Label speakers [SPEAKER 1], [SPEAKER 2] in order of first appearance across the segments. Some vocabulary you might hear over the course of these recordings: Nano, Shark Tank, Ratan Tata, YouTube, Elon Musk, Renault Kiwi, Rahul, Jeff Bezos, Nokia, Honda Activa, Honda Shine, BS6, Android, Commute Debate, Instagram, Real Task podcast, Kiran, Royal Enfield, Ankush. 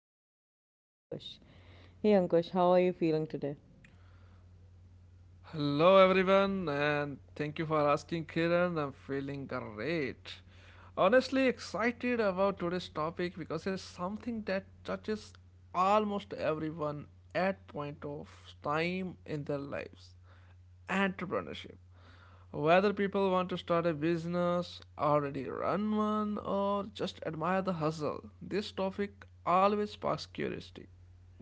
[SPEAKER 1] fellow thinker, Ankush. Hey, Ankush, how are you feeling today?
[SPEAKER 2] Hello everyone and thank you for asking, Kiran. I'm feeling great. Honestly excited about today's topic because it's something that touches almost everyone at point of time in their lives. Entrepreneurship. Whether people want to start a business, already run one or just admire the hustle, this topic always sparks curiosity.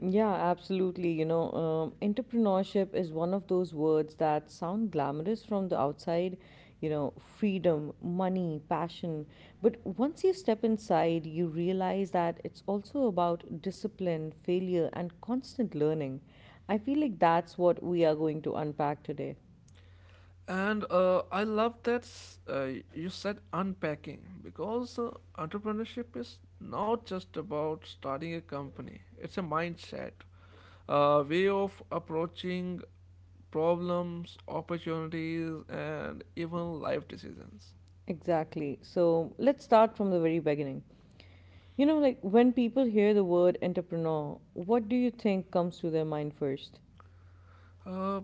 [SPEAKER 1] Yeah, absolutely. Entrepreneurship is one of those words that sound glamorous from the outside, freedom, money, passion. But once you step inside, you realize that it's also about discipline, failure, and constant learning. I feel like that's what we are going to unpack today.
[SPEAKER 2] And I love that uh, you said unpacking because entrepreneurship is not just about starting a company, it's a mindset, a way of approaching problems, opportunities, and even life decisions.
[SPEAKER 1] Exactly. So let's start from the very beginning. Like when people hear the word entrepreneur, what do you think comes to their mind first?
[SPEAKER 2] Uh,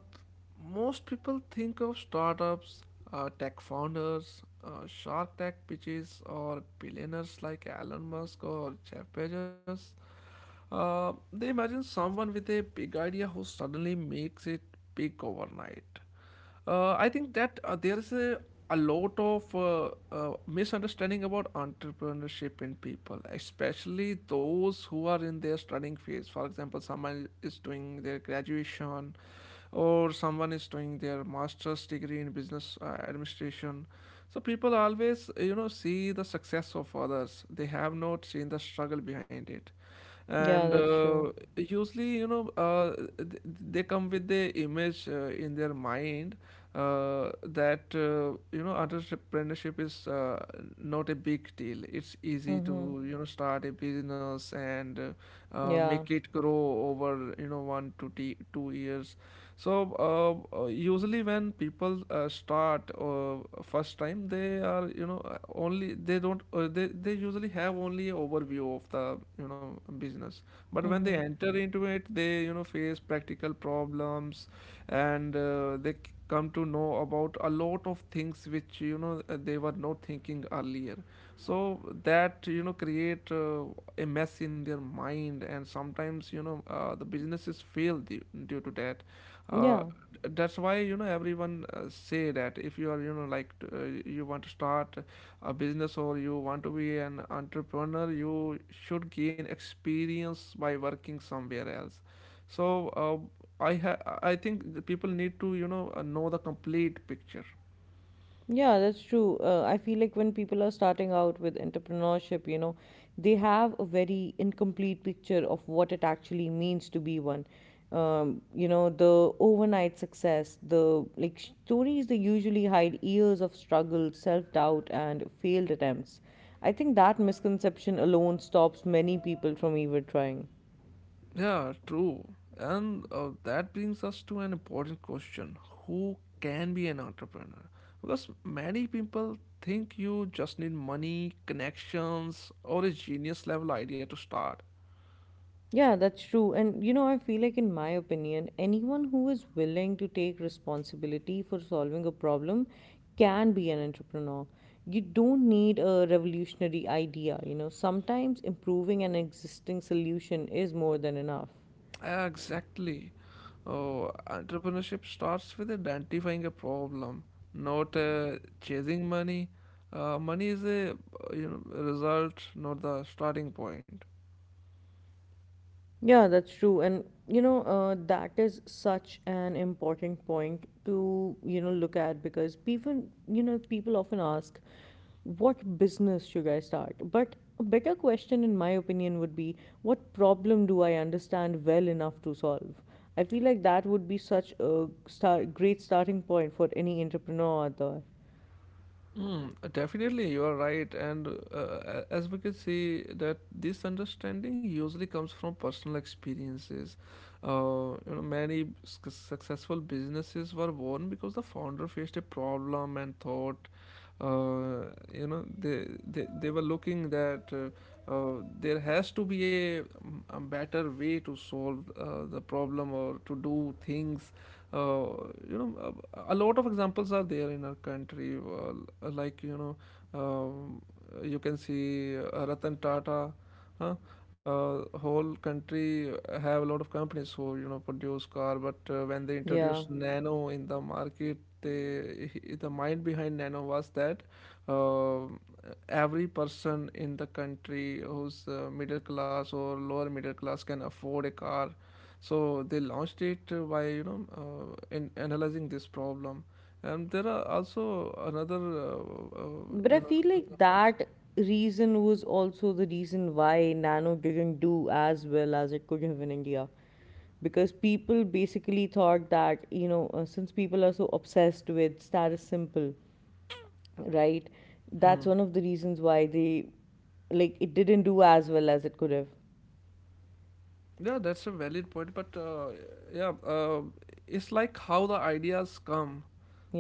[SPEAKER 2] Most people think of startups, tech founders, Shark Tech pitches, or billionaires like Elon Musk or Jeff Bezos. They imagine someone with a big idea who suddenly makes it big overnight. I think that there is a lot of misunderstanding about entrepreneurship in people, especially those who are in their studying phase. For example, someone is doing their graduation, or someone is doing their master's degree in business administration. So people always, you know, see the success of others. They have not seen the struggle behind it and
[SPEAKER 1] Yeah, that's
[SPEAKER 2] uh,
[SPEAKER 1] true.
[SPEAKER 2] usually they come with the image in their mind that you know entrepreneurship is not a big deal, it's easy
[SPEAKER 1] Mm-hmm.
[SPEAKER 2] to you know start a business and
[SPEAKER 1] Yeah.
[SPEAKER 2] make it grow over you know one to 2 years. So usually when people start first time, they are you know only, they don't they usually have only overview of the you know business. But when they
[SPEAKER 1] Mm-hmm.
[SPEAKER 2] enter into it, they you know face practical problems, and they come to know about a lot of things which you know they were not thinking earlier. So that you know create a mess in their mind, and sometimes you know the businesses fail due to that uh,
[SPEAKER 1] Yeah.
[SPEAKER 2] that's why you know everyone say that if you are you know you want to start a business or you want to be an entrepreneur, you should gain experience by working somewhere else. So I think the people need to you know the complete picture.
[SPEAKER 1] Yeah, that's true. I feel like when people are starting out with entrepreneurship, they have a very incomplete picture of what it actually means to be one. The overnight success, the like stories they usually hide years of struggle, self-doubt, and failed attempts. I think that misconception alone stops many people from even trying.
[SPEAKER 2] Yeah, true. And that brings us to an important question: who can be an entrepreneur? Because many people think you just need money, connections, or a genius level idea to start.
[SPEAKER 1] Yeah, that's true. And I feel like, in my opinion, anyone who is willing to take responsibility for solving a problem can be an entrepreneur. You don't need a revolutionary idea, sometimes improving an existing solution is more than enough.
[SPEAKER 2] Exactly. Oh, entrepreneurship starts with identifying a problem, not chasing money. Money is a you know result, not the starting point.
[SPEAKER 1] Yeah, that's true. And, that is such an important point to, look at because people, people often ask, what business should I start? But a better question, in my opinion, would be, what problem do I understand well enough to solve? I feel like that would be such a great starting point for any entrepreneur out there.
[SPEAKER 2] Definitely, you are right, and as we can see, that this understanding usually comes from personal experiences. You know, many successful businesses were born because the founder faced a problem and thought, uh, you know, they were looking that there has to be a better way to solve the problem or to do things. uh, you know a lot of examples are there in our country, uh, like you know, um, you can see Ratan Tata, huh? Whole country have a lot of companies who you know produce car, but when they
[SPEAKER 1] Yeah.
[SPEAKER 2] introduced Nano in the market, the mind behind Nano was that uh, every person in the country who's middle class or lower middle class can afford a car. So they launched it by you know in analyzing this problem, and there are also another
[SPEAKER 1] But
[SPEAKER 2] you
[SPEAKER 1] I
[SPEAKER 2] know
[SPEAKER 1] feel like
[SPEAKER 2] examples.
[SPEAKER 1] that reason was also the reason why Nano didn't do as well as it could have in India. Because people basically thought that, since people are so obsessed with status simple, right? That's one of the reasons why it didn't do as well as it could have.
[SPEAKER 2] Yeah, that's a valid point, but yeah, uh, it's like how the ideas come.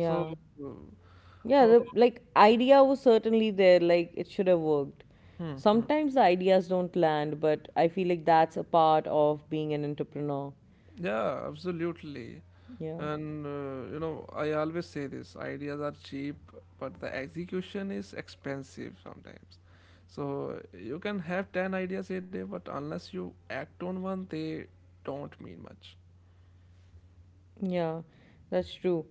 [SPEAKER 2] So, uh,
[SPEAKER 1] Yeah,
[SPEAKER 2] uh,
[SPEAKER 1] the like idea was certainly there, like it should have worked.
[SPEAKER 2] hmm. Hmm.
[SPEAKER 1] Sometimes the ideas don't land, but I feel like that's a part of being an entrepreneur.
[SPEAKER 2] Yeah, absolutely.
[SPEAKER 1] Yeah,
[SPEAKER 2] And you know, I always say this, ideas are cheap, but the execution is expensive sometimes. So you can have 10 ideas a day, but unless you act on one, they don't mean much.
[SPEAKER 1] yeah, that's true.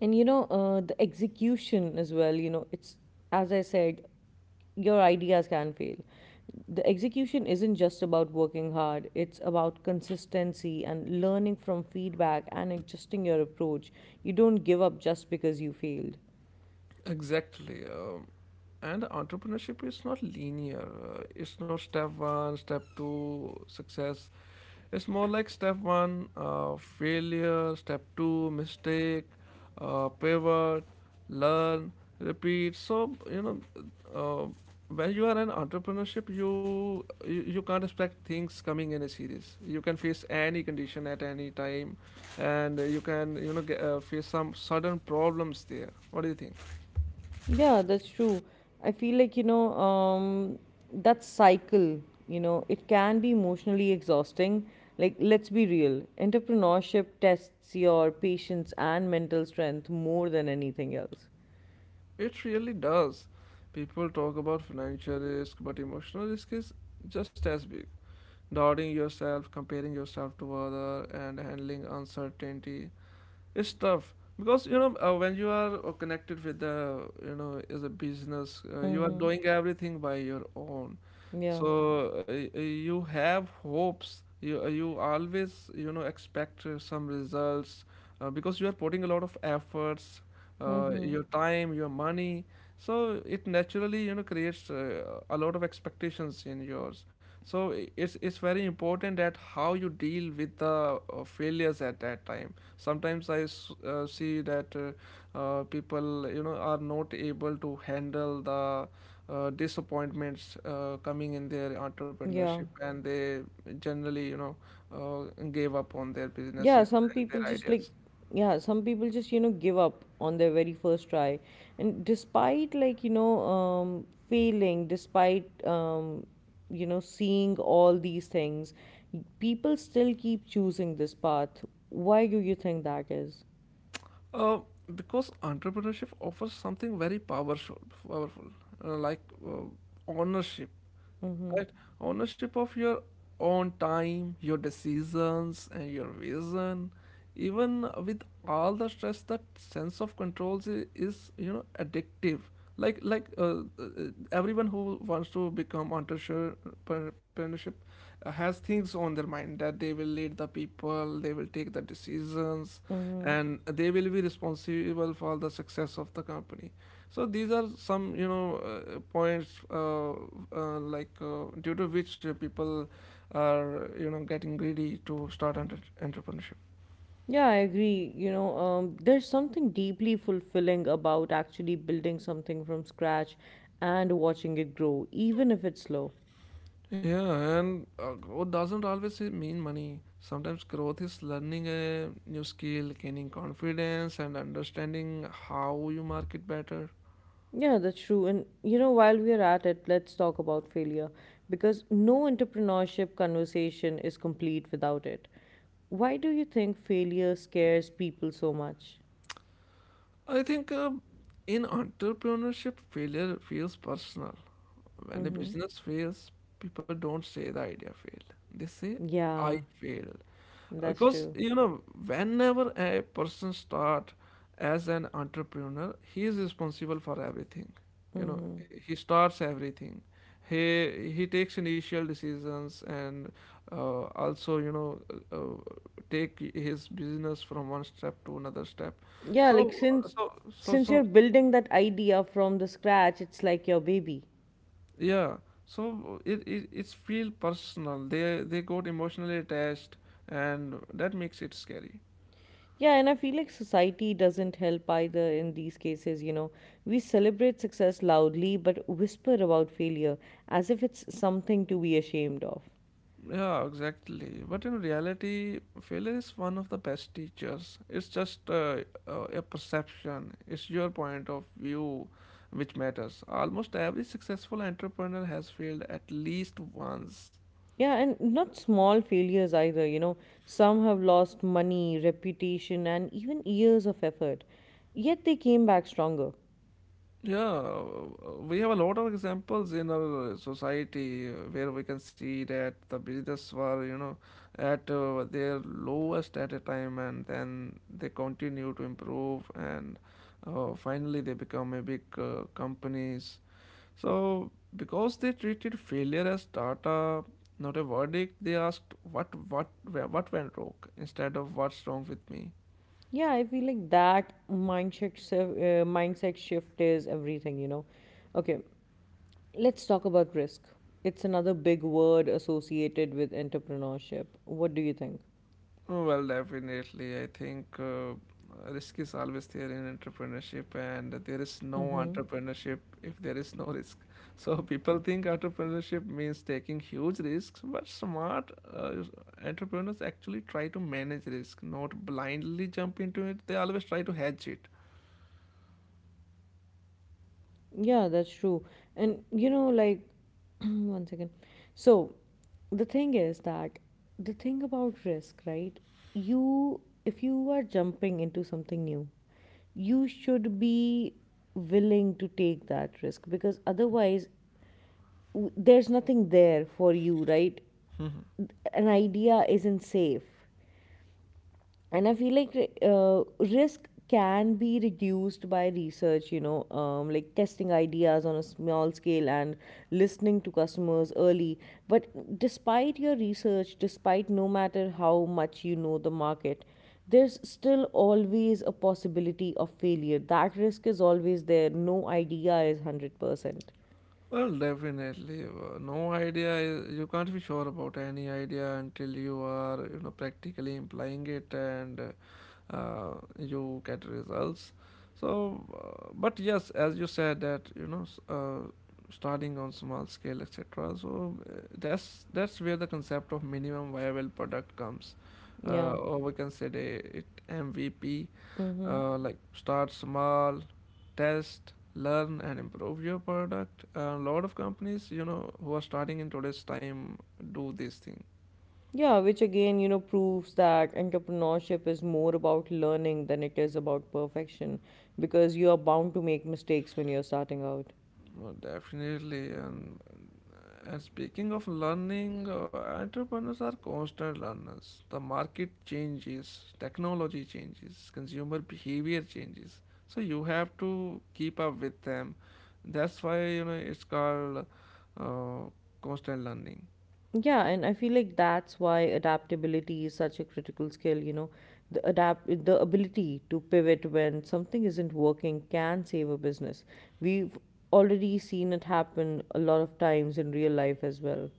[SPEAKER 1] And the execution as well, it's as I said, your ideas can fail. The execution isn't just about working hard, it's about consistency and learning from feedback and adjusting your approach. You don't give up just because you failed.
[SPEAKER 2] Exactly. And entrepreneurship is not linear. It's not step one, step two, success. It's more like step one, failure, step two, mistake, pivot, learn, repeat. So, you know, uh, when you are in entrepreneurship, you can't expect things coming in a series. You can face any condition at any time, and you can you know face some sudden problems there. What do you think?
[SPEAKER 1] Yeah, that's true. I feel like, that cycle, it can be emotionally exhausting. Like, let's be real, entrepreneurship tests your patience and mental strength more than anything else.
[SPEAKER 2] It really does. People talk about financial risk, but emotional risk is just as big. Doubting yourself, comparing yourself to other, and handling uncertainty. It's tough because you know when you are connected with the you know as a business, you are
[SPEAKER 1] Mm-hmm.
[SPEAKER 2] doing everything by your own.
[SPEAKER 1] Yeah.
[SPEAKER 2] So you have hopes. You always you know expect some results because you are putting a lot of efforts,
[SPEAKER 1] Mm-hmm.
[SPEAKER 2] your time, your money. So it naturally you know creates a lot of expectations in yours. So it's very important that how you deal with the failures at that time. Sometimes I see that people you know are not able to handle the disappointments coming in their entrepreneurship,
[SPEAKER 1] Yeah.
[SPEAKER 2] and they generally you know uh, gave up on their
[SPEAKER 1] yeah
[SPEAKER 2] businesses
[SPEAKER 1] some
[SPEAKER 2] and their
[SPEAKER 1] people just like
[SPEAKER 2] ideas.
[SPEAKER 1] Yeah, some people just give up on their very first try. And despite failing, despite seeing all these things, people still keep choosing this path. Why do you think that is?
[SPEAKER 2] uh, because entrepreneurship offers something very powerful, powerful, like ownership.
[SPEAKER 1] Mm-hmm.
[SPEAKER 2] Right. Ownership of your own time, your decisions and your vision. Even with all the stress, that sense of control is you know addictive. Like, everyone who wants to become entrepreneurship has things on their mind that they will lead the people, they will take the decisions, and they will be responsible for the success of the company. So these are some you know points, like due to which people are you know getting greedy to start entrepreneurship.
[SPEAKER 1] Yeah, I agree. There's something deeply fulfilling about actually building something from scratch and watching it grow, even if it's slow.
[SPEAKER 2] Yeah, and growth doesn't always mean money. Sometimes growth is learning a new skill, gaining confidence and understanding how you market better.
[SPEAKER 1] Yeah, that's true. And while we are at it, let's talk about failure because no entrepreneurship conversation is complete without it. Why do you think failure scares people so much?
[SPEAKER 2] I think in entrepreneurship, failure feels personal. When a
[SPEAKER 1] Mm-hmm.
[SPEAKER 2] business fails, people don't say the idea failed, they say I
[SPEAKER 1] Yeah,
[SPEAKER 2] failed.
[SPEAKER 1] that's
[SPEAKER 2] Because
[SPEAKER 1] true.
[SPEAKER 2] you know whenever a person start as an entrepreneur, he is responsible for everything, you know.
[SPEAKER 1] Mm-hmm.
[SPEAKER 2] He starts everything, he takes initial decisions, and also you know uh, uh, take his business from one step to another step.
[SPEAKER 1] Yeah, like
[SPEAKER 2] so
[SPEAKER 1] since
[SPEAKER 2] so so
[SPEAKER 1] since you're
[SPEAKER 2] so
[SPEAKER 1] building that idea from the scratch, it's like your baby.
[SPEAKER 2] yeah, so it it's feel personal, they got emotionally attached, and that makes it scary.
[SPEAKER 1] Yeah, and I feel like society doesn't help either in these cases. We celebrate success loudly but whisper about failure as if it's something to be ashamed of.
[SPEAKER 2] Yeah, exactly. But in reality, failure is one of the best teachers. It's just a perception, it's your point of view which matters. Almost every successful entrepreneur has failed at least once.
[SPEAKER 1] Yeah, and not small failures either. Some have lost money, reputation, and even years of effort, yet they came back stronger.
[SPEAKER 2] Yeah, we have a lot of examples in our society where we can see that the business were, you know, at their lowest at a time and then they continue to improve, and finally they become a big companies. So, because they treated failure as data, not a verdict, they asked what went wrong instead of what's wrong with me.
[SPEAKER 1] Yeah, I feel like that mindset shift is everything, Okay, let's talk about risk. It's another big word associated with entrepreneurship. What do you think?
[SPEAKER 2] Well, definitely. I think risk is always there in entrepreneurship, and there is no entrepreneurship if there is no risk. So people think entrepreneurship means taking huge risks, but smart uh, entrepreneurs actually try to manage risk, not blindly jump into it. They always try to hedge it.
[SPEAKER 1] Yeah, that's true. And like, one second. So, the thing is that the thing about risk, right? You, if you are jumping into something new, you should be willing to take that risk because otherwise, there's nothing there for you, right? An idea isn't safe. And I feel like uh, risk can be reduced by research, like testing ideas on a small scale and listening to customers early, but despite your research, despite no matter how much you know the market, there's still always a possibility of failure. That risk is always there. No idea is 100%.
[SPEAKER 2] Well, definitely. No idea is, you can't be sure about any idea until you are, you know, practically implying it, and you get results. So but yes, as you said that you know starting on small scale etc. So that's where the concept of minimum viable product comes,
[SPEAKER 1] Yeah.
[SPEAKER 2] or we can say the, it MVP.
[SPEAKER 1] Mm-hmm.
[SPEAKER 2] Like start small, test, learn and improve your product. A lot of companies you know who are starting in today's time do this thing.
[SPEAKER 1] Yeah, which again, proves that entrepreneurship is more about learning than it is about perfection because you are bound to make mistakes when you're starting out.
[SPEAKER 2] Well, definitely. And speaking of learning, entrepreneurs are constant learners. The market changes, technology changes, consumer behavior changes. So you have to keep up with them. That's why you know it's called uh, constant learning.
[SPEAKER 1] Yeah, and I feel like that's why adaptability is such a critical skill. The ability to pivot when something isn't working can save a business. We've already seen it happen a lot of times in real life as well.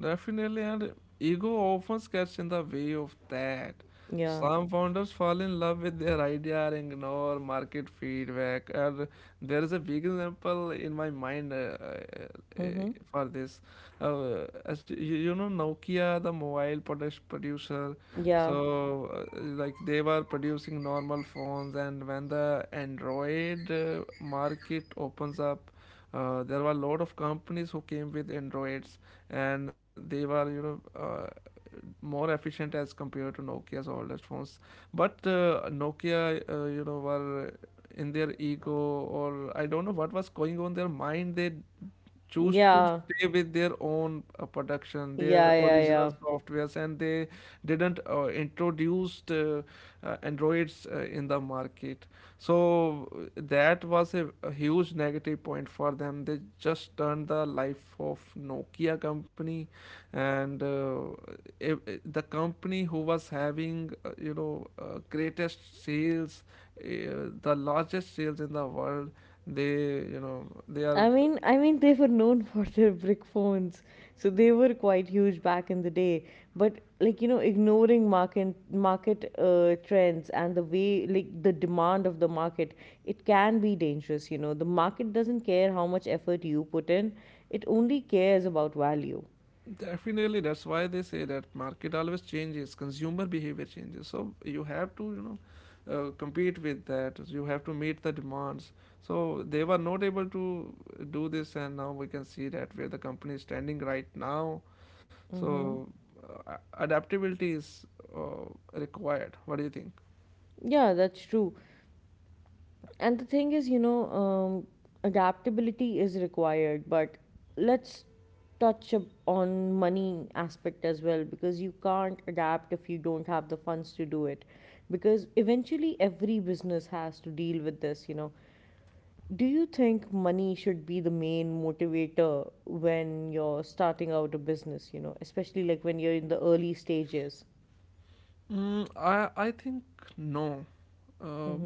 [SPEAKER 2] Definitely, and ego often gets in the way of that.
[SPEAKER 1] Yeah.
[SPEAKER 2] Some founders fall in love with their idea and ignore market feedback. And there is a big example in my mind uh,
[SPEAKER 1] Mm-hmm.
[SPEAKER 2] for this. As you, you know, Nokia, the mobile product producer,
[SPEAKER 1] Yeah.
[SPEAKER 2] so like they were producing normal phones, and when the Android market opens up, there were a lot of companies who came with androids, and they were you know more efficient as compared to Nokia's oldest phones. But Nokia, you know, were in their ego, or I don't know what was going on their mind. They choose to
[SPEAKER 1] Yeah.
[SPEAKER 2] stay with their own production, their
[SPEAKER 1] Yeah, yeah,
[SPEAKER 2] original
[SPEAKER 1] yeah.
[SPEAKER 2] softwares, and they didn't introduce androids in the market. So that was a huge negative point for them. They just turned the life of Nokia company, and if the company who was having greatest sales, the largest sales in the world they you know they are.
[SPEAKER 1] I mean, they were known for their brick phones, so they were quite huge back in the day. But like ignoring market trends and the way like the demand of the market, it can be dangerous. The market doesn't care how much effort you put in; it only cares about value.
[SPEAKER 2] Definitely, that's why they say that market always changes, consumer behavior changes. So you have to, compete with that. You have to meet the demands. So they were not able to do this, and now we can see that where the company is standing right now.
[SPEAKER 1] Mm-hmm.
[SPEAKER 2] So adaptability is uh, required. What do you think?
[SPEAKER 1] Yeah, that's true. And the thing is, adaptability is required, but let's touch up on money aspect as well because you can't adapt if you don't have the funds to do it because eventually every business has to deal with this. Do you think money should be the main motivator when you're starting out a business, especially like when you're in the early stages?
[SPEAKER 2] I think no. Uh,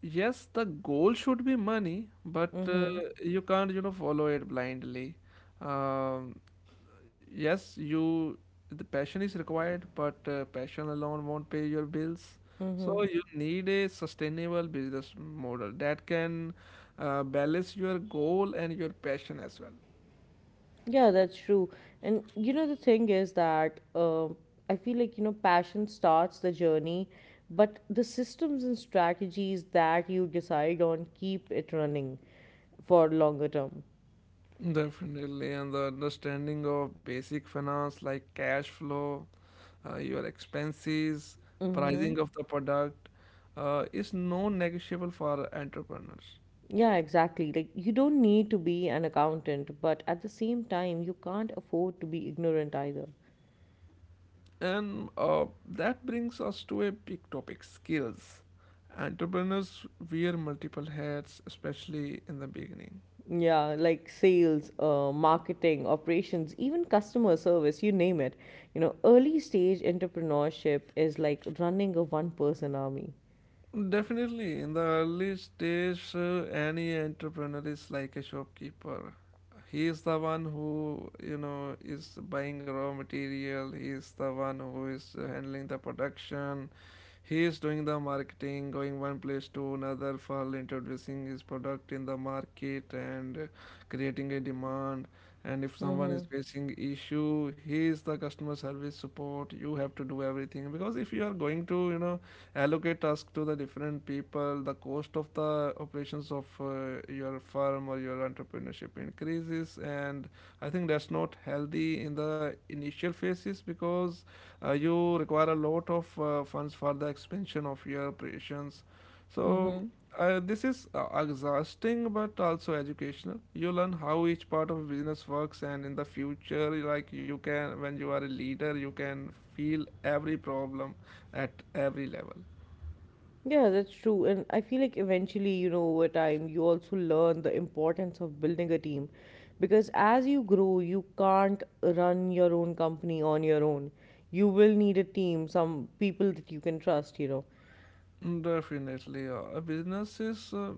[SPEAKER 2] yes, the goal should be money, but
[SPEAKER 1] Mhm.
[SPEAKER 2] you can't follow it blindly. Um yes you The passion is required, but passion alone won't pay your bills, so you need a sustainable business model that can balance your goal and your passion as well.
[SPEAKER 1] Yeah, that's true. And the thing is that I feel like, passion starts the journey, but the systems and strategies that you decide on keep it running for longer term.
[SPEAKER 2] Definitely, and the understanding of basic finance like cash flow, your expenses,
[SPEAKER 1] Hmm.
[SPEAKER 2] pricing of the product, is non-negotiable for entrepreneurs.
[SPEAKER 1] Yeah, exactly. Like, you don't need to be an accountant, but at the same time, you can't afford to be ignorant either.
[SPEAKER 2] And that brings us to a big topic: skills. Entrepreneurs wear multiple hats, especially in the beginning.
[SPEAKER 1] Yeah, like sales, marketing, operations, even customer service, you name it. Early stage entrepreneurship is like running a one person army.
[SPEAKER 2] Definitely, in the early stage, any entrepreneur is like a shopkeeper. He is the one who, is buying raw material; he is the one who is handling the production. He is doing the marketing, going one place to another for introducing his product in the market and creating a demand. And if someone is facing issue, he is the customer service support. You have to do everything, because if you are going to, allocate task to the different people, the cost of the operations of your firm or your entrepreneurship increases, and I think that's not healthy in the initial phases, because you require a lot of funds for the expansion of your operations. So this is exhausting but also educational. You learn how each part of business works, and in the future, like, you can, when you are a leader, you can feel every problem at every level.
[SPEAKER 1] Yeah, that's true. And I feel like eventually, over time, you also learn the importance of building a team. Because as you grow, you can't run your own company on your own. You will need a team, some people that you can trust.
[SPEAKER 2] Definitely, a business is,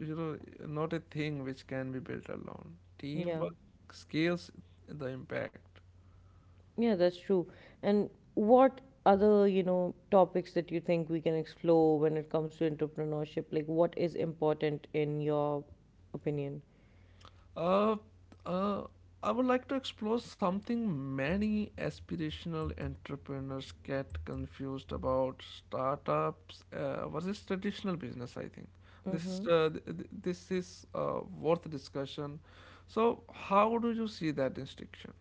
[SPEAKER 2] you know, not a thing which can be built alone.
[SPEAKER 1] Yeah.
[SPEAKER 2] Teamwork scales the impact.
[SPEAKER 1] Yeah, that's true. And what other, topics that you think we can explore when it comes to entrepreneurship? Like, what is important in your opinion?
[SPEAKER 2] Uh, uh, I would like to explore something many aspirational entrepreneurs get confused about: startups versus traditional business. I think this
[SPEAKER 1] Mm-hmm.
[SPEAKER 2] is worth discussion. So, how do you see that distinction?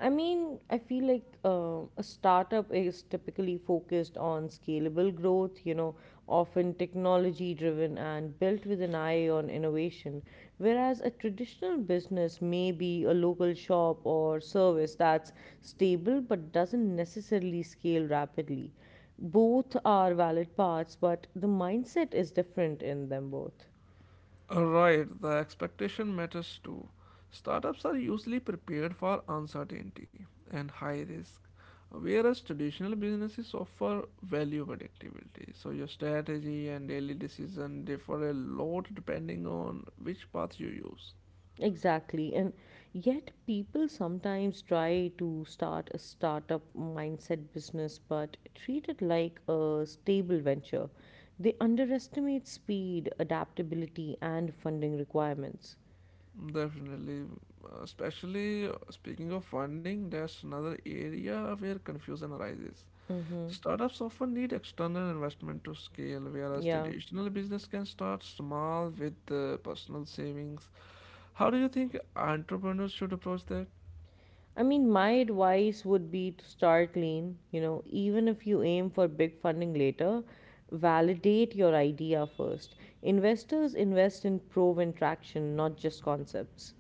[SPEAKER 1] I mean, I feel like a startup is typically focused on scalable growth, often technology driven and built with an eye on innovation. Whereas a traditional business may be a local shop or service that's stable but doesn't necessarily scale rapidly. Both are valid paths, but the mindset is different in them both.
[SPEAKER 2] Right, the expectation matters too. Startups are usually prepared for uncertainty and high risk, whereas traditional businesses offer value predictability. So, your strategy and daily decision differ a lot depending on which path you use.
[SPEAKER 1] Exactly. And yet, people sometimes try to start a startup mindset business but treat it like a stable venture. They underestimate speed, adaptability, and funding requirements.
[SPEAKER 2] Definitely, especially speaking of funding, that's another area where confusion arises.
[SPEAKER 1] Mm-hmm.
[SPEAKER 2] Startups often need external investment to scale, whereas
[SPEAKER 1] Yeah.
[SPEAKER 2] traditional business can start small with personal savings. How do you think entrepreneurs should approach that?
[SPEAKER 1] I mean, my advice would be to start lean. Even if you aim for big funding later, validate your idea first. Investors invest in proven traction, not just concepts.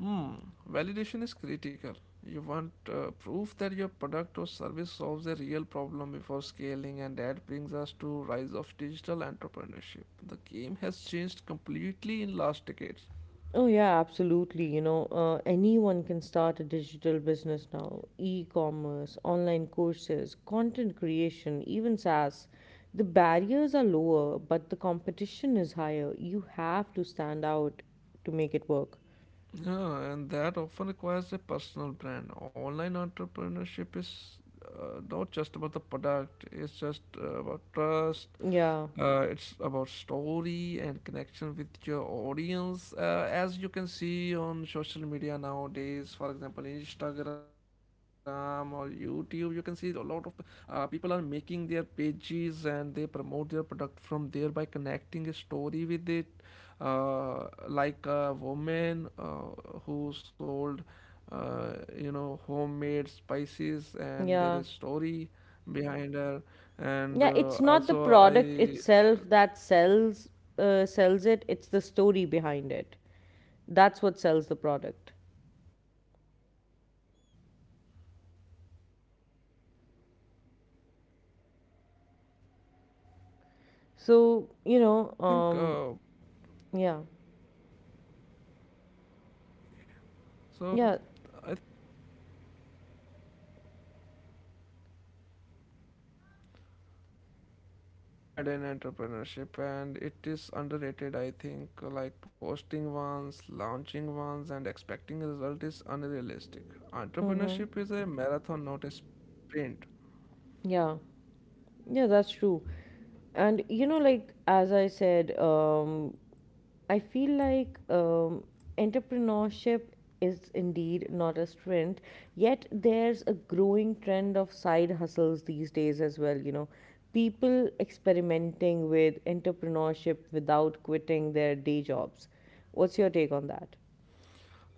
[SPEAKER 2] Hmm, Validation is critical. You want proof that your product or service solves a real problem before scaling, and that brings us to rise of digital entrepreneurship. The game has changed completely in last decades.
[SPEAKER 1] Oh, yeah, absolutely. Anyone can start a digital business now. E commerce, online courses, content creation, even SaaS. The barriers are lower, but the competition is higher. You have to stand out to make it work.
[SPEAKER 2] Yeah, and that often requires a personal brand. Online entrepreneurship is not just about the product; it's just about trust,
[SPEAKER 1] Yeah,
[SPEAKER 2] it's about story and connection with your audience. As you can see on social media nowadays, for example, Instagram or YouTube, you can see a lot of people are making their pages and they promote their product from there by connecting a story with it, like a woman who sold uh, homemade spices, and there is
[SPEAKER 1] yeah,
[SPEAKER 2] story behind her. And
[SPEAKER 1] yeah. It's not the
[SPEAKER 2] also
[SPEAKER 1] product
[SPEAKER 2] I
[SPEAKER 1] itself that sells it. It's the story behind it. That's what sells the product.
[SPEAKER 2] definitely so I think
[SPEAKER 1] So yeah, yeah.
[SPEAKER 2] definitely, consistency is required in entrepreneurship, and it is underrated. I think, like, posting once, launching once, and expecting a result is unrealistic.
[SPEAKER 1] Mm-hmm.
[SPEAKER 2] Entrepreneurship is a marathon, not a sprint.
[SPEAKER 1] Yeah, yeah, that's true. And like as I said, I feel like entrepreneurship is indeed not a strength, yet there's a growing trend of side hustles these days as well. People experimenting with entrepreneurship without quitting their day jobs. What's your take on that?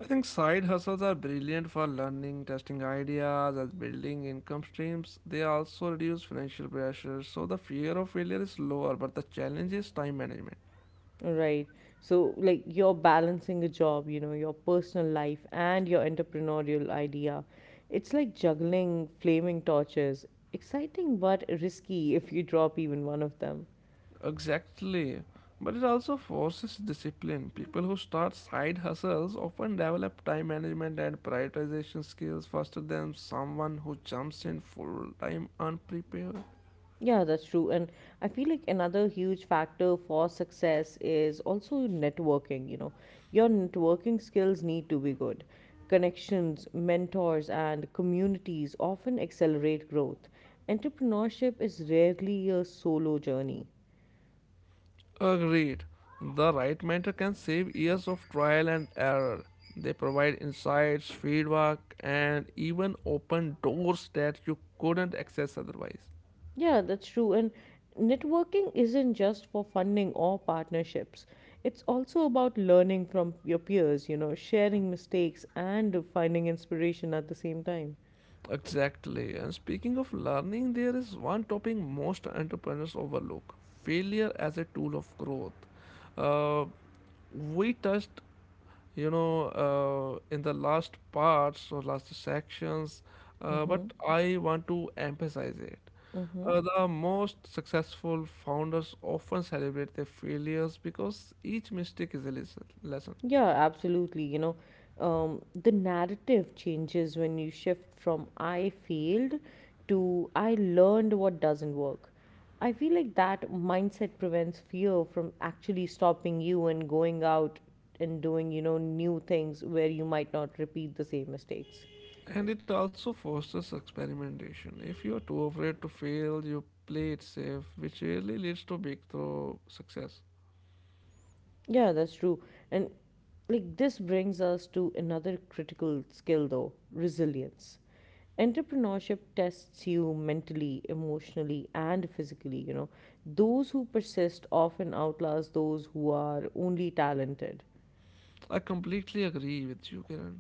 [SPEAKER 2] I think side hustles are brilliant for learning, testing ideas, and building income streams. They also reduce financial pressure, so the fear of failure is lower, but the challenge is time management.
[SPEAKER 1] Right. So, like, you're balancing a job, your personal life and your entrepreneurial idea. It's like juggling flaming torches. Exciting but risky if you drop even one of them.
[SPEAKER 2] Exactly. But it also forces discipline. People who start side hustles often develop time management and prioritization skills faster than someone who jumps in full time unprepared.
[SPEAKER 1] Yeah, that's true. And I feel like another huge factor for success is also networking, you know. Your networking skills need to be good. Connections, mentors, and communities often accelerate growth. Entrepreneurship is rarely a solo journey.
[SPEAKER 2] Agreed. The right mentor can save years of trial and error. They provide insights, feedback, and even open doors that you couldn't access otherwise.
[SPEAKER 1] Yeah, that's true. And networking isn't just for funding or partnerships. It's also about learning from your peers, sharing mistakes and finding inspiration at the same time.
[SPEAKER 2] Exactly. And speaking of learning, there is one topic most entrepreneurs overlook: failure as a tool of growth. Uh, we touched, in the last parts or last sections, but
[SPEAKER 1] Mm-hmm.
[SPEAKER 2] I want to emphasize it.
[SPEAKER 1] Mm-hmm.
[SPEAKER 2] The most successful founders often celebrate their failures, because each mistake is a lesson.
[SPEAKER 1] Yeah, absolutely. You know, the narrative changes when you shift from I failed to I learned what doesn't work. I feel like that mindset prevents fear from actually stopping you and going out and doing, you know, new things where you might not repeat the same mistakes.
[SPEAKER 2] And it also fosters experimentation. If you are too afraid to fail, you play it safe, which really leads to breakthrough success.
[SPEAKER 1] Yeah, that's true. And like this brings us to another critical skill though, resilience. Entrepreneurship tests you mentally, emotionally, and physically, you know. Those who persist often outlast those who are only talented.
[SPEAKER 2] I completely agree with you, Kiran.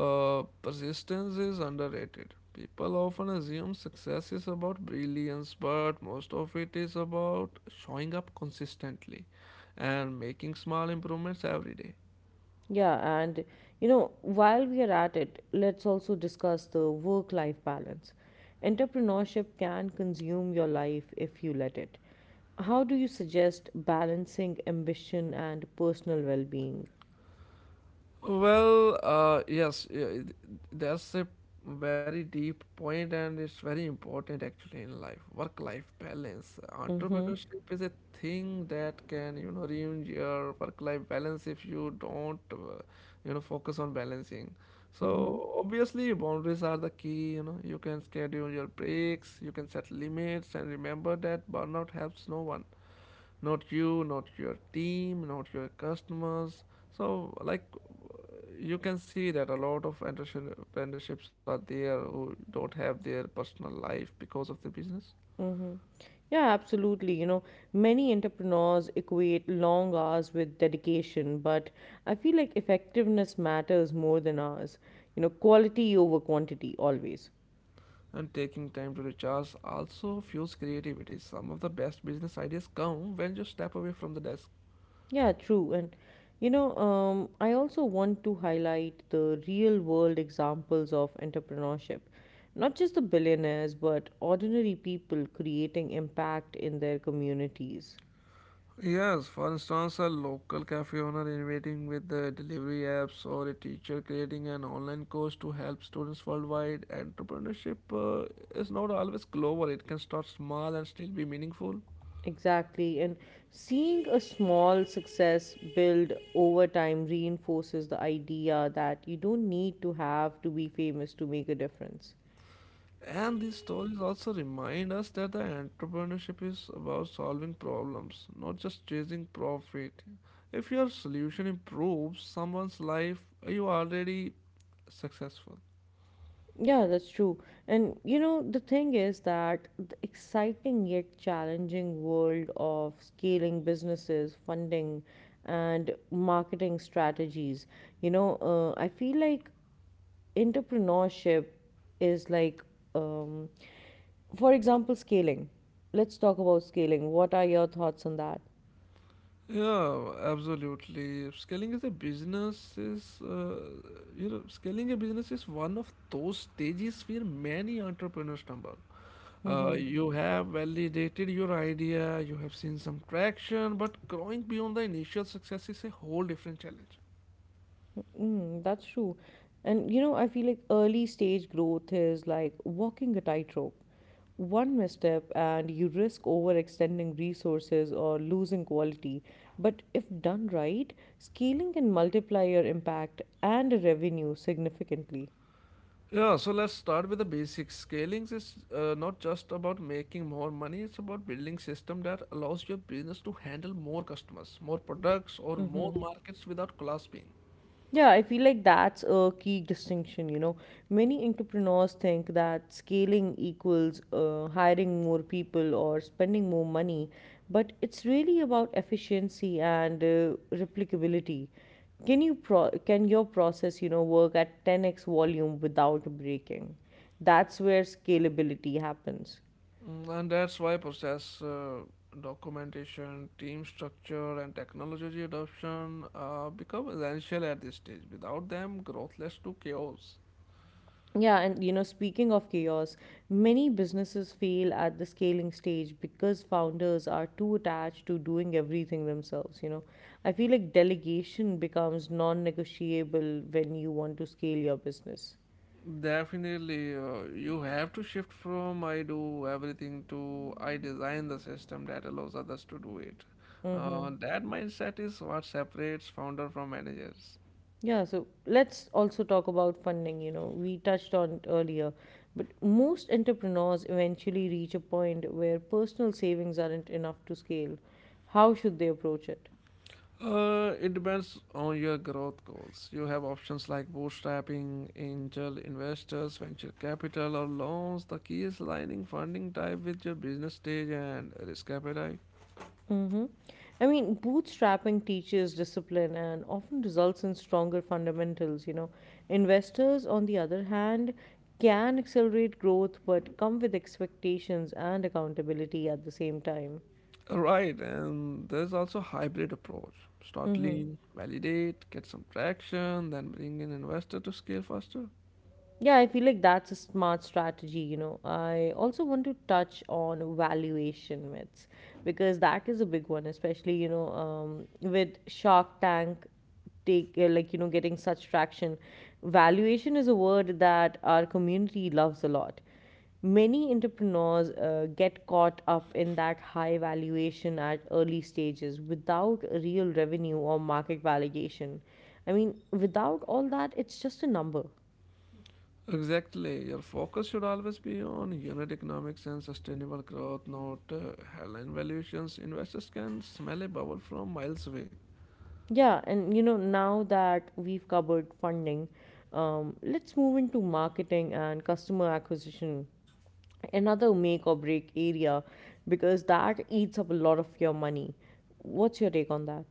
[SPEAKER 2] Persistence is underrated. People often assume success is about brilliance, but most of it is about showing up consistently and making small improvements every day.
[SPEAKER 1] Yeah, and you know, while we are at it, let's also discuss the work life balance. Entrepreneurship can consume your life if you let it. How do you suggest balancing ambition and personal well being?
[SPEAKER 2] Well, yeah, that's a very deep point, and it's very important actually in life. Work-life balance.
[SPEAKER 1] Mm-hmm.
[SPEAKER 2] Entrepreneurship is a thing that can, you know, ruin your work-life balance if you don't, you know, focus on balancing. So
[SPEAKER 1] Mm-hmm.
[SPEAKER 2] obviously, boundaries are the key. You know, you can schedule your breaks, you can set limits, and remember that burnout helps no one: not you, not your team, not your customers. So, like, you can see that a lot of entrepreneurships are there who don't have their personal life because of the business.
[SPEAKER 1] Yeah, absolutely. You know, many entrepreneurs equate long hours with dedication, but I feel like effectiveness matters more than hours. You know, quality over quantity always.
[SPEAKER 2] And taking time to recharge also fuels creativity. Some of the best business ideas come when you step away from the desk.
[SPEAKER 1] Yeah, true. And you know, I also want to highlight the real world examples of entrepreneurship. Not just the billionaires, but ordinary people creating impact in their communities.
[SPEAKER 2] Yes, for instance, a local cafe owner innovating with the delivery apps, or a teacher creating an online course to help students worldwide. Entrepreneurship is not always global; it can start small and still be meaningful.
[SPEAKER 1] Exactly. And seeing a small success build over time reinforces the idea that you don't need to have to be famous to make a difference.
[SPEAKER 2] And these stories also remind us that the entrepreneurship is about solving problems, not just chasing profit. If your solution improves someone's life, you are already successful.
[SPEAKER 1] Yeah, that's true. And you know, the thing is that the exciting yet challenging world of scaling businesses, funding, and marketing strategies, you know, I feel like entrepreneurship is like, um, for example, scaling. Let's talk about scaling. What are your thoughts on that?
[SPEAKER 2] Yeah, absolutely. Scaling as a business is, you know, scaling a business is one of those stages where many entrepreneurs stumble.
[SPEAKER 1] Mm-hmm.
[SPEAKER 2] You have validated your idea, you have seen some traction, but growing beyond the initial success is a whole different challenge.
[SPEAKER 1] Mm, that's true. And you know, I feel like early stage growth is like walking a tightrope. One misstep, and you risk overextending resources or losing quality. But if done right, scaling can multiply your impact and revenue significantly.
[SPEAKER 2] Yeah, so let's start with the basics. Scaling is not just about making more money; it's about building system that allows your business to handle more customers, more products, or more markets without collapsing.
[SPEAKER 1] Yeah, I feel like that's a key distinction. You know, many entrepreneurs think that scaling equals hiring more people or spending more money, but it's really about efficiency and replicability. Can your process, you know, work at 10x volume without breaking? That's where scalability happens.
[SPEAKER 2] And that's why process documentation, team structure, and technology adoption become essential at this stage. Without them, growth leads to chaos.
[SPEAKER 1] Yeah, and you know, speaking of chaos, many businesses fail at the scaling stage because founders are too attached to doing everything themselves, you know. I feel like delegation becomes non-negotiable when you want to scale your business.
[SPEAKER 2] Definitely, you have to shift from "I do everything" to "I design the system that allows others to do it."
[SPEAKER 1] Mm-hmm.
[SPEAKER 2] That mindset is what separates founder from managers.
[SPEAKER 1] Yeah, so let's also talk about funding. You know, we touched on it earlier, but most entrepreneurs eventually reach a point where personal savings aren't enough to scale. How should they approach it?
[SPEAKER 2] It depends on your growth goals. You have options like bootstrapping, angel investors, venture capital, or loans. The key is aligning funding type with your business stage and risk appetite.
[SPEAKER 1] Mm-hmm. I mean, bootstrapping teaches discipline and often results in stronger fundamentals. You know, investors, on the other hand, can accelerate growth but come with expectations and accountability at the same time.
[SPEAKER 2] Right, and there's also hybrid approach. Start lean, validate, get some traction, then bring in investor to scale faster.
[SPEAKER 1] Yeah, I feel like that's a smart strategy. You know, I also want to touch on valuation myths because that is a big one, especially, you know, with Shark Tank take like you know getting such traction, valuation is a word that our community loves a lot. Many entrepreneurs get caught up in that high valuation at early stages without real revenue or market validation. I mean without all that, it's just a number.
[SPEAKER 2] Exactly. Your focus should always be on unit economics and sustainable growth, not headline valuations. Investors can smell a bubble from miles away.
[SPEAKER 1] Yeah, and you know, now that we've covered funding, let's move into marketing and customer acquisition, another make or break area, because that eats up a lot of your money. What's your take on that?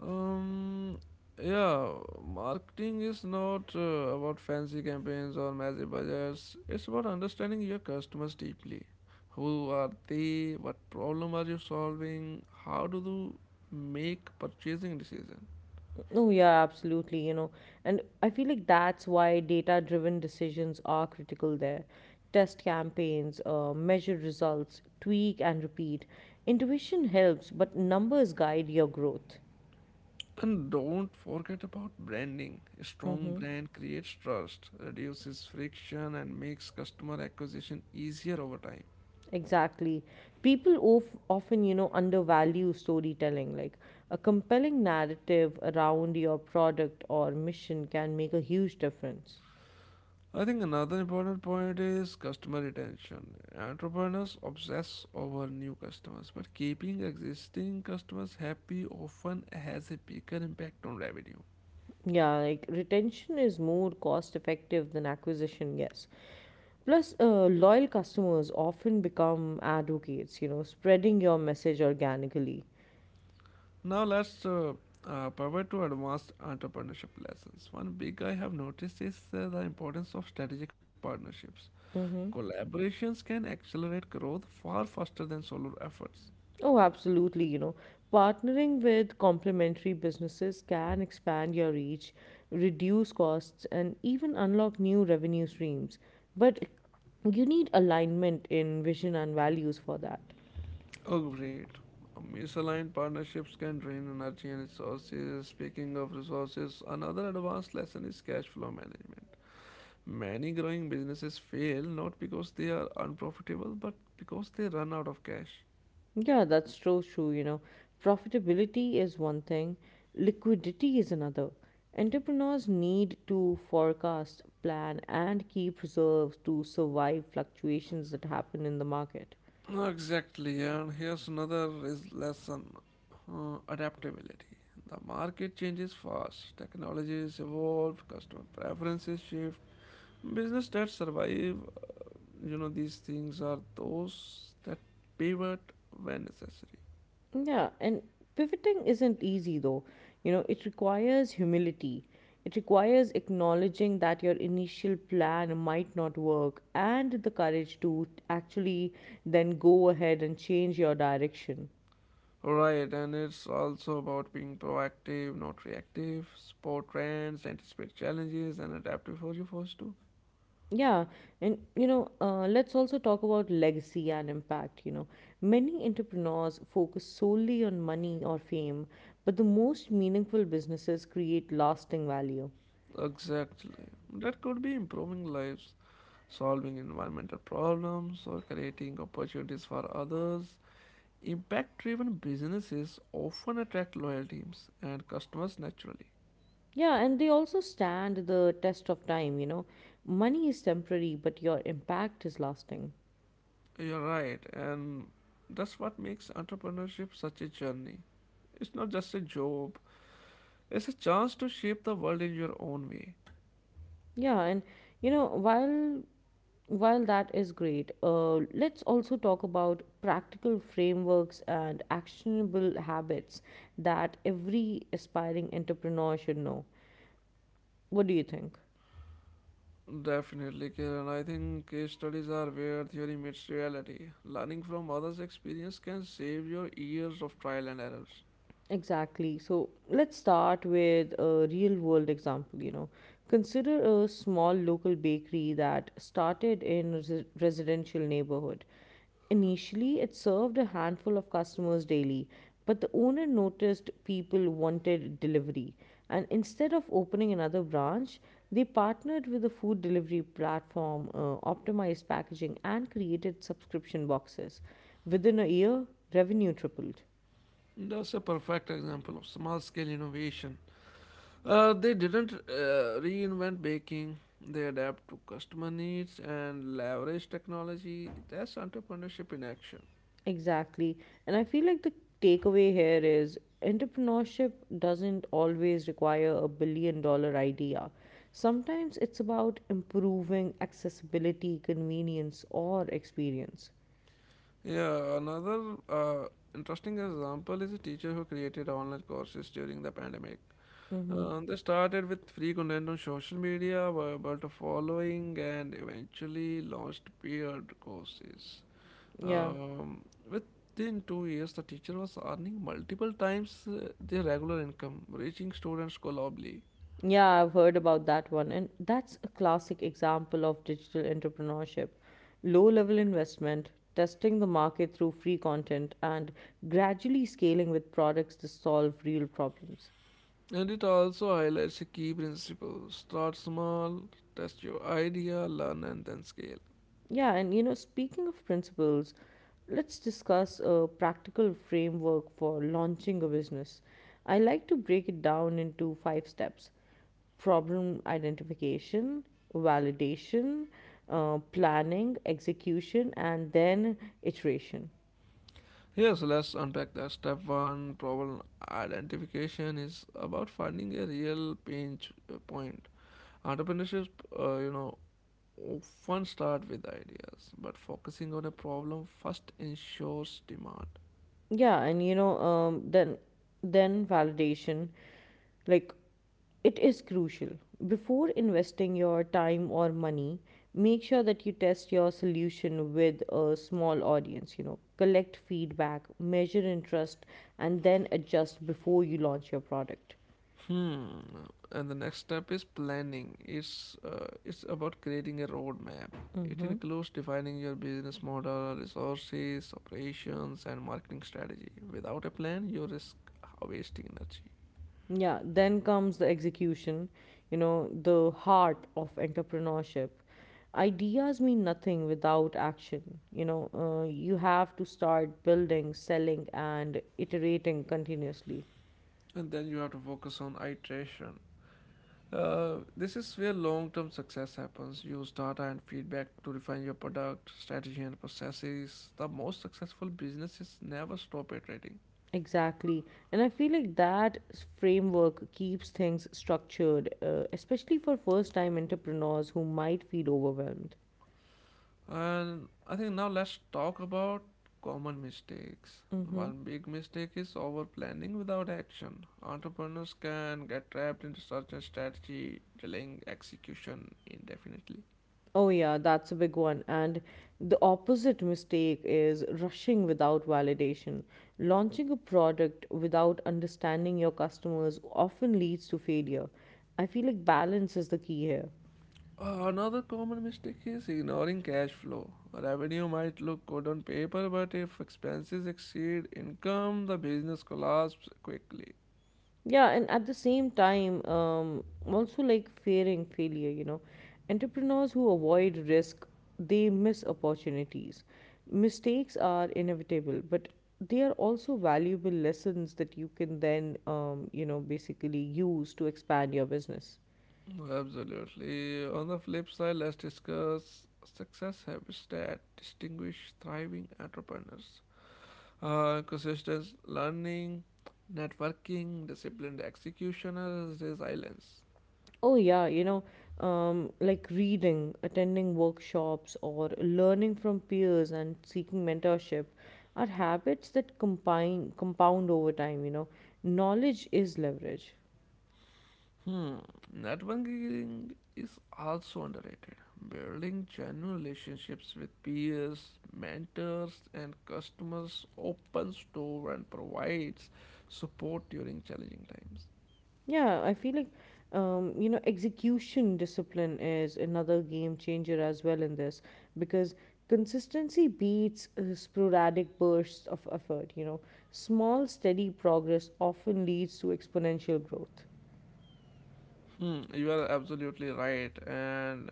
[SPEAKER 2] Um, yeah, marketing is not about fancy campaigns or massive budgets. It's about understanding your customers deeply. Who are they? What problem are you solving? How do you make purchasing decision?
[SPEAKER 1] Oh, yeah, absolutely. You know, and I feel like that's why data driven decisions are critical there. Test campaigns, measure results, tweak and repeat. Intuition helps, but numbers guide your growth.
[SPEAKER 2] And don't forget about branding. A strong
[SPEAKER 1] Mm-hmm.
[SPEAKER 2] brand creates trust, reduces friction, and makes customer acquisition easier over time.
[SPEAKER 1] Exactly. People of, often, you know, undervalue storytelling. Like a compelling narrative around your product or mission can make a huge difference.
[SPEAKER 2] I think another important point is customer retention. Entrepreneurs obsess over new customers, but keeping existing customers happy often has a bigger impact on revenue.
[SPEAKER 1] Yeah, like retention is more cost effective than acquisition, yes. Plus, loyal customers often become advocates, you know, spreading your message organically.
[SPEAKER 2] Now, let's pivot to advanced entrepreneurship lessons. One big I have noticed is the importance of strategic partnerships.
[SPEAKER 1] Mm-hmm.
[SPEAKER 2] Collaborations can accelerate growth far faster than solo efforts.
[SPEAKER 1] Oh, absolutely. You know, partnering with complementary businesses can expand your reach, reduce costs, and even unlock new revenue streams. But you need alignment in vision and values for that.
[SPEAKER 2] Oh, great. Misaligned partnerships can drain energy and resources. Speaking of resources, another advanced lesson is cash flow management. Many growing businesses fail not because they are unprofitable, but because they run out of cash.
[SPEAKER 1] Yeah, that's so true. You know, profitability is one thing, liquidity is another. Entrepreneurs need to forecast, plan, and keep reserves to survive fluctuations that happen in the market.
[SPEAKER 2] Exactly, and here's another is lesson: adaptability. The market changes fast, technologies evolve, customer preferences shift. Business that survive, these things are those that pivot when necessary.
[SPEAKER 1] Yeah, and pivoting isn't easy though. You know, it requires humility. It requires acknowledging that your initial plan might not work and the courage to actually then go ahead and change your direction.
[SPEAKER 2] Right, and it's also about being proactive, not reactive. Spot trends, anticipate challenges, and adapt before you're forced to.
[SPEAKER 1] Yeah, and you know, let's also talk about legacy and impact. You know, many entrepreneurs focus solely on money or fame, but the most meaningful businesses create lasting value.
[SPEAKER 2] Exactly. That could be improving lives, solving environmental problems, or creating opportunities for others. Impact driven businesses often attract loyal teams and customers naturally.
[SPEAKER 1] Yeah, and they also stand the test of time, you know. Money is temporary, but your impact is lasting.
[SPEAKER 2] You're right, and that's what makes entrepreneurship such a journey. It's not just a job, it's a chance to shape the world in your own way.
[SPEAKER 1] Yeah, and you know, while that is great, let's also talk about practical frameworks and actionable habits that every aspiring entrepreneur should know. What do you think?
[SPEAKER 2] Definitely, Kiran. I think case studies are where theory meets reality. Learning from others' experience can save your years of trial and errors.
[SPEAKER 1] Exactly. So let's start with a real world example. You know, consider a small local bakery that started in a residential neighborhood. Initially, it served a handful of customers daily, but the owner noticed people wanted delivery. And instead of opening another branch, they partnered with a food delivery platform, optimized packaging, and created subscription boxes. Within a year, revenue tripled.
[SPEAKER 2] That's a perfect example of small scale innovation. They didn't reinvent baking, they adapt to customer needs and leverage technology. That's entrepreneurship in action.
[SPEAKER 1] Exactly. And I feel like the takeaway here is entrepreneurship doesn't always require a billion dollar idea. Sometimes it's about improving accessibility, convenience, or experience.
[SPEAKER 2] Yeah, another interesting example is a teacher who created online courses during the pandemic.
[SPEAKER 1] Mm-hmm.
[SPEAKER 2] They started with free content on social media, were able to following, and eventually launched paid courses.
[SPEAKER 1] Yeah.
[SPEAKER 2] Um, Within 2 years, the teacher was earning multiple times their regular income, reaching students globally.
[SPEAKER 1] Yeah, I've heard about that one. And that's a classic example of digital entrepreneurship. Low level investment, testing the market through free content, and gradually scaling with products to solve real problems.
[SPEAKER 2] And it also highlights a key principle start small, test your idea, learn, and then scale.
[SPEAKER 1] Yeah, and you know, speaking of principles, let's discuss a practical framework for launching a business. I like to break it down into five steps: problem identification, validation, planning, execution, and then iteration.
[SPEAKER 2] Yes, let's unpack that. Step one problem identification is about finding a real pinch point. Entrepreneurship, uh, you know, often start with ideas, but focusing on a problem first ensures demand.
[SPEAKER 1] Yeah, and you know, then validation, like, it is crucial. Before investing your time or money, make sure that you test your solution with a small audience, you know, collect feedback, measure interest, and then adjust before you launch your product.
[SPEAKER 2] Hmm. And the next step is planning. It's about creating a roadmap. It
[SPEAKER 1] Mm-hmm.
[SPEAKER 2] includes defining your business model, resources, operations, and marketing strategy. Without a plan, you risk wasting energy.
[SPEAKER 1] Yeah, then comes the execution, you know, the heart of entrepreneurship. Ideas mean nothing without action. You know, you have to start building, selling, and iterating continuously.
[SPEAKER 2] And then you have to focus on iteration. This is where long-term success happens. Use data and feedback to refine your product, strategy, and processes. The most successful businesses never stop iterating.
[SPEAKER 1] Exactly. And I feel like framework keeps things structured, especially for first time entrepreneurs who might feel overwhelmed.
[SPEAKER 2] And I think now let's talk about common mistakes.
[SPEAKER 1] Mm-hmm.
[SPEAKER 2] One big mistake is over planning without action. Entrepreneurs can get trapped in research and strategy, delaying execution indefinitely.
[SPEAKER 1] Oh, yeah, that's a big one. And the opposite mistake is rushing without validation. Launching a product without understanding your customers often leads to failure. I feel like balance is the key here.
[SPEAKER 2] Another common mistake is ignoring cash flow. Revenue might look good on paper, but if expenses exceed income, the business collapses quickly.
[SPEAKER 1] Yeah, and at the same time, also like fearing failure, you know, entrepreneurs who avoid risk, they miss opportunities. Mistakes are inevitable, but they are also valuable lessons that you can then, you know, basically use to expand your business.
[SPEAKER 2] Absolutely. On the flip side, let's discuss success habits that distinguish thriving entrepreneurs. Consistent learning, networking, disciplined executioners, resilience.
[SPEAKER 1] Oh, yeah, you know, like reading, attending workshops, or learning from peers and seeking mentorship are habits that combine, compound over time, you know. Knowledge is leverage.
[SPEAKER 2] Hmm, networking is also underrated. Building genuine relationships with peers, mentors, and customers opens door and provides support during challenging times.
[SPEAKER 1] Yeah, I feel like, you know, execution discipline is another game changer as well in this because consistency beats sporadic bursts of effort, you know. Small, steady progress often leads to exponential growth.
[SPEAKER 2] Hmm, you are absolutely right. And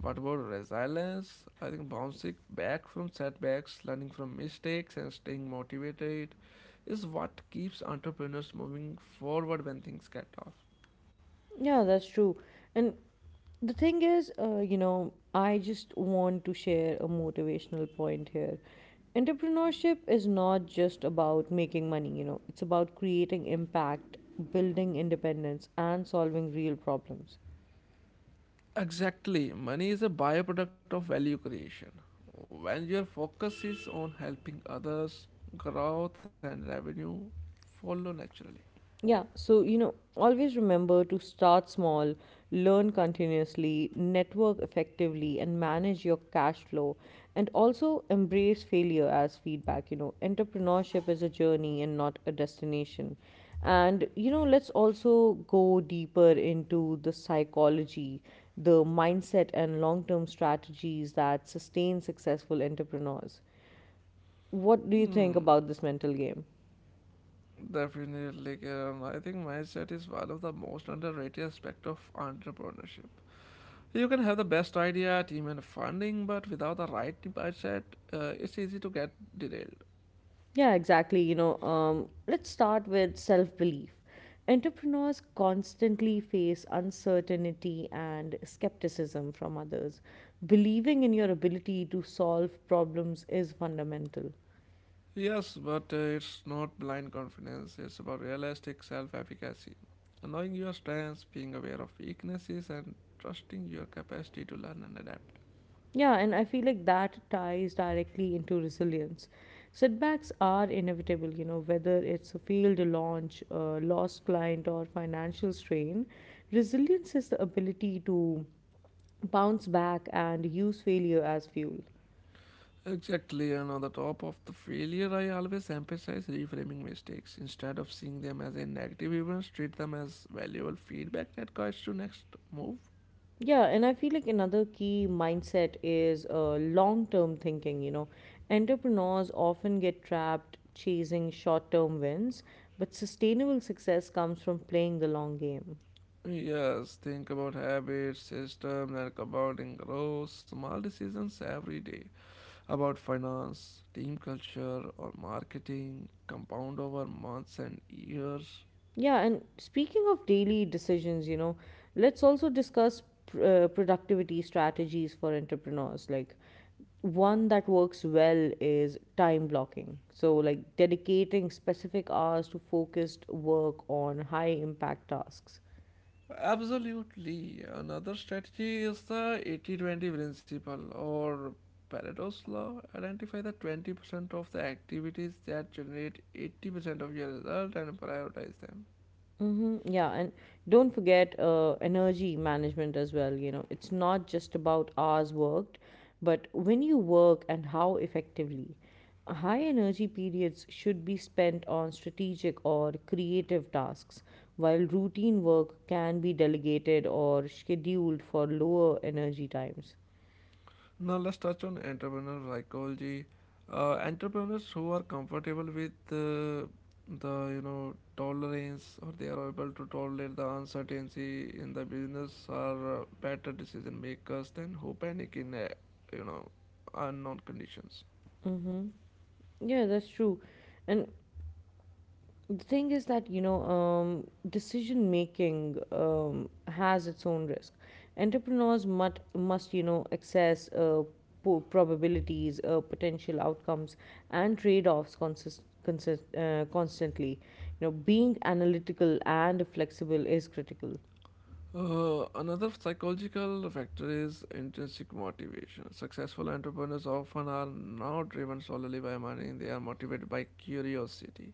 [SPEAKER 2] what about resilience? I think bouncing back from setbacks, learning from mistakes, and staying motivated is what keeps entrepreneurs moving forward when things get tough.
[SPEAKER 1] Yeah, that's true. And the thing is, you know, I just want to share a motivational point here. Entrepreneurship is not just about making money, you know, it's about creating impact, building independence, and solving real problems.
[SPEAKER 2] Exactly. Money is a byproduct of value creation. When your focus is on helping others, growth and revenue follow naturally.
[SPEAKER 1] Yeah, so you know, always remember to start small, learn continuously, network effectively, and manage your cash flow. And also embrace failure as feedback. You know, entrepreneurship is a journey and not a destination. And you know, let's also go deeper into the psychology, the mindset, and long term strategies that sustain successful entrepreneurs. What do you think
[SPEAKER 2] Hmm,
[SPEAKER 1] about this mental game?
[SPEAKER 2] definitely, Kiran. I think mindset is one of the most underrated aspect of entrepreneurship. You can have the best idea, team, and funding, but without the right mindset, it's easy to get derailed.
[SPEAKER 1] Yeah, exactly. You know, let's start with self belief. Entrepreneurs constantly face uncertainty and skepticism from others. Believing in your ability to solve problems is fundamental.
[SPEAKER 2] Yes, but it's not blind confidence, it's about realistic self efficacy. Knowing your strengths, being aware of weaknesses, and trusting your capacity to learn and adapt.
[SPEAKER 1] Yeah, and I feel like that ties directly into resilience. Setbacks are inevitable, you know, whether it's a failed launch, a lost client, or financial strain. Resilience is the ability to bounce back and use failure as fuel.
[SPEAKER 2] Exactly, and on the top of the failure, I always emphasize reframing mistakes. Instead of seeing them as a negative event, treat them as valuable feedback that guides your next move.
[SPEAKER 1] Yeah, and I feel like another key mindset is long term thinking. You know, entrepreneurs often get trapped chasing short term wins, but sustainable success comes from playing the long game.
[SPEAKER 2] Yes, think about habits, systems, and compounding growth, small decisions every day. About finance, team culture, or marketing, compound over months and years.
[SPEAKER 1] Yeah, and speaking of daily decisions, you know, let's also discuss productivity strategies for entrepreneurs. Like, one that works well is time blocking. So, like dedicating specific hours to focused work on high impact tasks.
[SPEAKER 2] Absolutely. Another strategy is the 80/20 principle or Pareto's law. Identify the 20% of the activities that generate 80% of your result and prioritize them.
[SPEAKER 1] Mm-hmm. Yeah, and don't forget energy management as well. You know, it's not just about hours worked, but when you work and how effectively. High energy periods should be spent on strategic or creative tasks, while routine work can be delegated or scheduled for lower energy times.
[SPEAKER 2] Now let's touch on entrepreneurial psychology. Entrepreneurs who are comfortable with the tolerance or they are able to tolerate the uncertainty in the business are better decision makers than who panic in you know unknown conditions.
[SPEAKER 1] Mm-hmm. Yeah, that's true. And the thing is that you know decision making, has its own risk. Entrepreneurs must you know access probabilities, potential outcomes, and trade-offs constantly. You know, being analytical and flexible is critical.
[SPEAKER 2] Another psychological factor is intrinsic motivation. Successful entrepreneurs often are not driven solely by money, they are motivated by curiosity,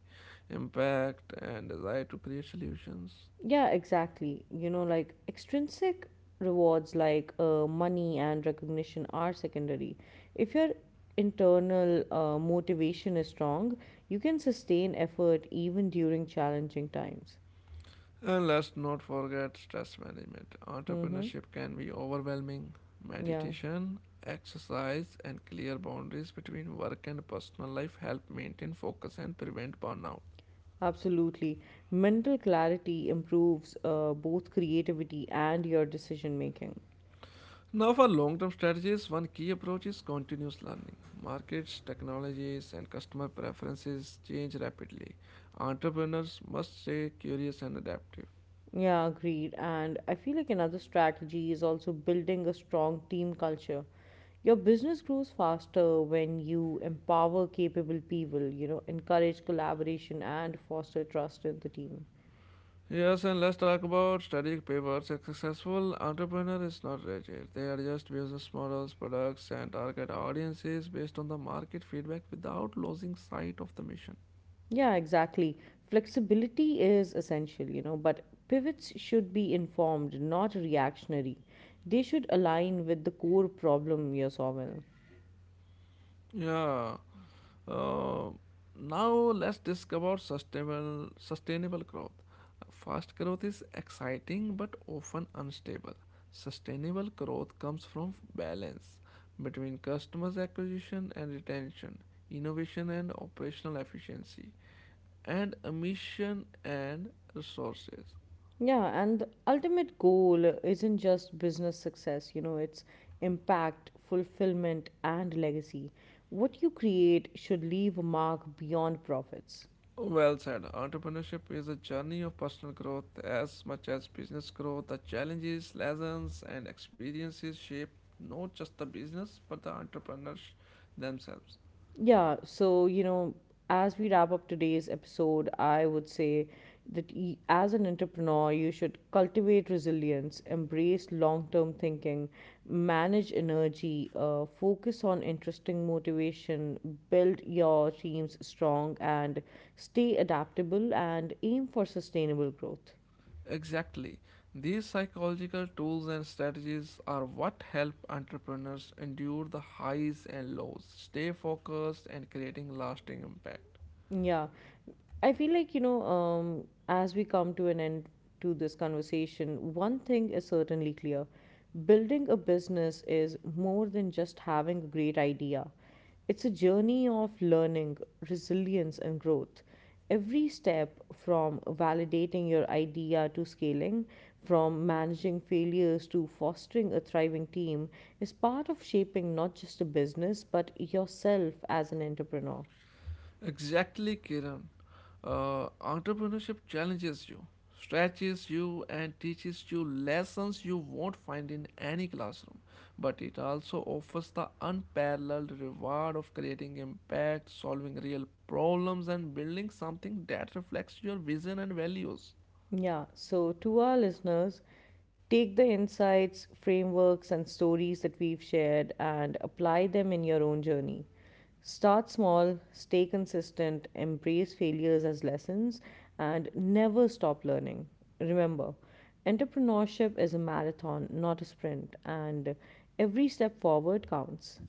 [SPEAKER 2] impact, and desire to create solutions.
[SPEAKER 1] Yeah, exactly. You know, like extrinsic rewards, like money and recognition, are secondary. If your internal motivation is strong, you can sustain effort even during challenging times.
[SPEAKER 2] And let's not forget stress management.
[SPEAKER 1] Mm-hmm.
[SPEAKER 2] Entrepreneurship can be overwhelming.
[SPEAKER 1] Yeah,
[SPEAKER 2] Meditation, exercise, and clear boundaries between work and personal life help maintain focus and prevent burnout.
[SPEAKER 1] absolutely. Mental clarity improves both creativity and your decision making.
[SPEAKER 2] Now, for long term strategies, one key approach is continuous learning. Markets, technologies, and customer preferences change rapidly. Entrepreneurs must stay curious and adaptive.
[SPEAKER 1] Yeah, agreed. And I feel like another strategy is also building a strong team culture. Your business grows faster when you empower capable people, you know, encourage collaboration and foster trust in the team.
[SPEAKER 2] Yes, and let's talk about strategic pivots. A successful entrepreneur is not rigid. They adjust business models, products, and target audiences based on the market feedback without losing sight of the mission.
[SPEAKER 1] Yeah, exactly. Flexibility is essential, you know, but pivots should be informed, not reactionary. They should align with the core problem you're solving.
[SPEAKER 2] Yeah. Uh, Now let's discover sustainable growth. Fast growth is exciting but often unstable. Sustainable growth comes from balance between customers acquisition and retention, innovation and operational efficiency, and emission and resources.
[SPEAKER 1] Yeah, and the ultimate goal isn't just business success, you know, it's impact, fulfillment, and legacy. What you create should leave a mark beyond profits.
[SPEAKER 2] Well said. Entrepreneurship is a journey of personal growth as much as business growth. The challenges, lessons, and experiences shape not just the business but the entrepreneurs themselves.
[SPEAKER 1] Yeah, so you know, as we wrap up today's episode, I would say that as an entrepreneur, you should cultivate resilience, embrace long term thinking, manage energy, focus on interesting motivation, build your teams strong, and stay adaptable and aim for sustainable growth.
[SPEAKER 2] Exactly. These psychological tools and strategies are what help entrepreneurs endure the highs and lows, stay focused, and creating lasting impact.
[SPEAKER 1] Yeah. I feel like, you know, as we come to an end to this conversation, one thing is certainly clear. Building a business is more than just having a great idea. It's a journey of learning, resilience, and growth. Every step, from validating your idea to scaling, from managing failures to fostering a thriving team, is part of shaping not just a business, but yourself as an entrepreneur.
[SPEAKER 2] Exactly, Kiran. Entrepreneurship challenges you, stretches you, and teaches you lessons you won't find in any classroom. But it also offers the unparalleled reward of creating impact, solving real problems, and building something that reflects your vision and values.
[SPEAKER 1] Yeah, so to our listeners, take the insights, frameworks, and stories that we've shared and apply them in your own journey. Start small, stay consistent, embrace failures as lessons, and never stop learning. Remember, entrepreneurship is a marathon, not a sprint, and every step forward counts.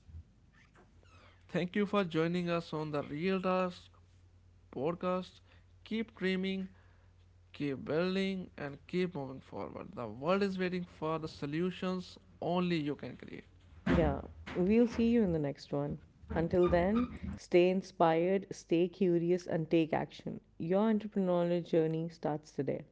[SPEAKER 2] Thank you for joining us on the Real Task podcast. Keep dreaming, keep building and keep moving forward. The world is waiting for the solutions only you can create.
[SPEAKER 1] Yeah, we'll see you in the next one. Until then, stay inspired, stay curious, and take action. Your entrepreneurial journey starts today.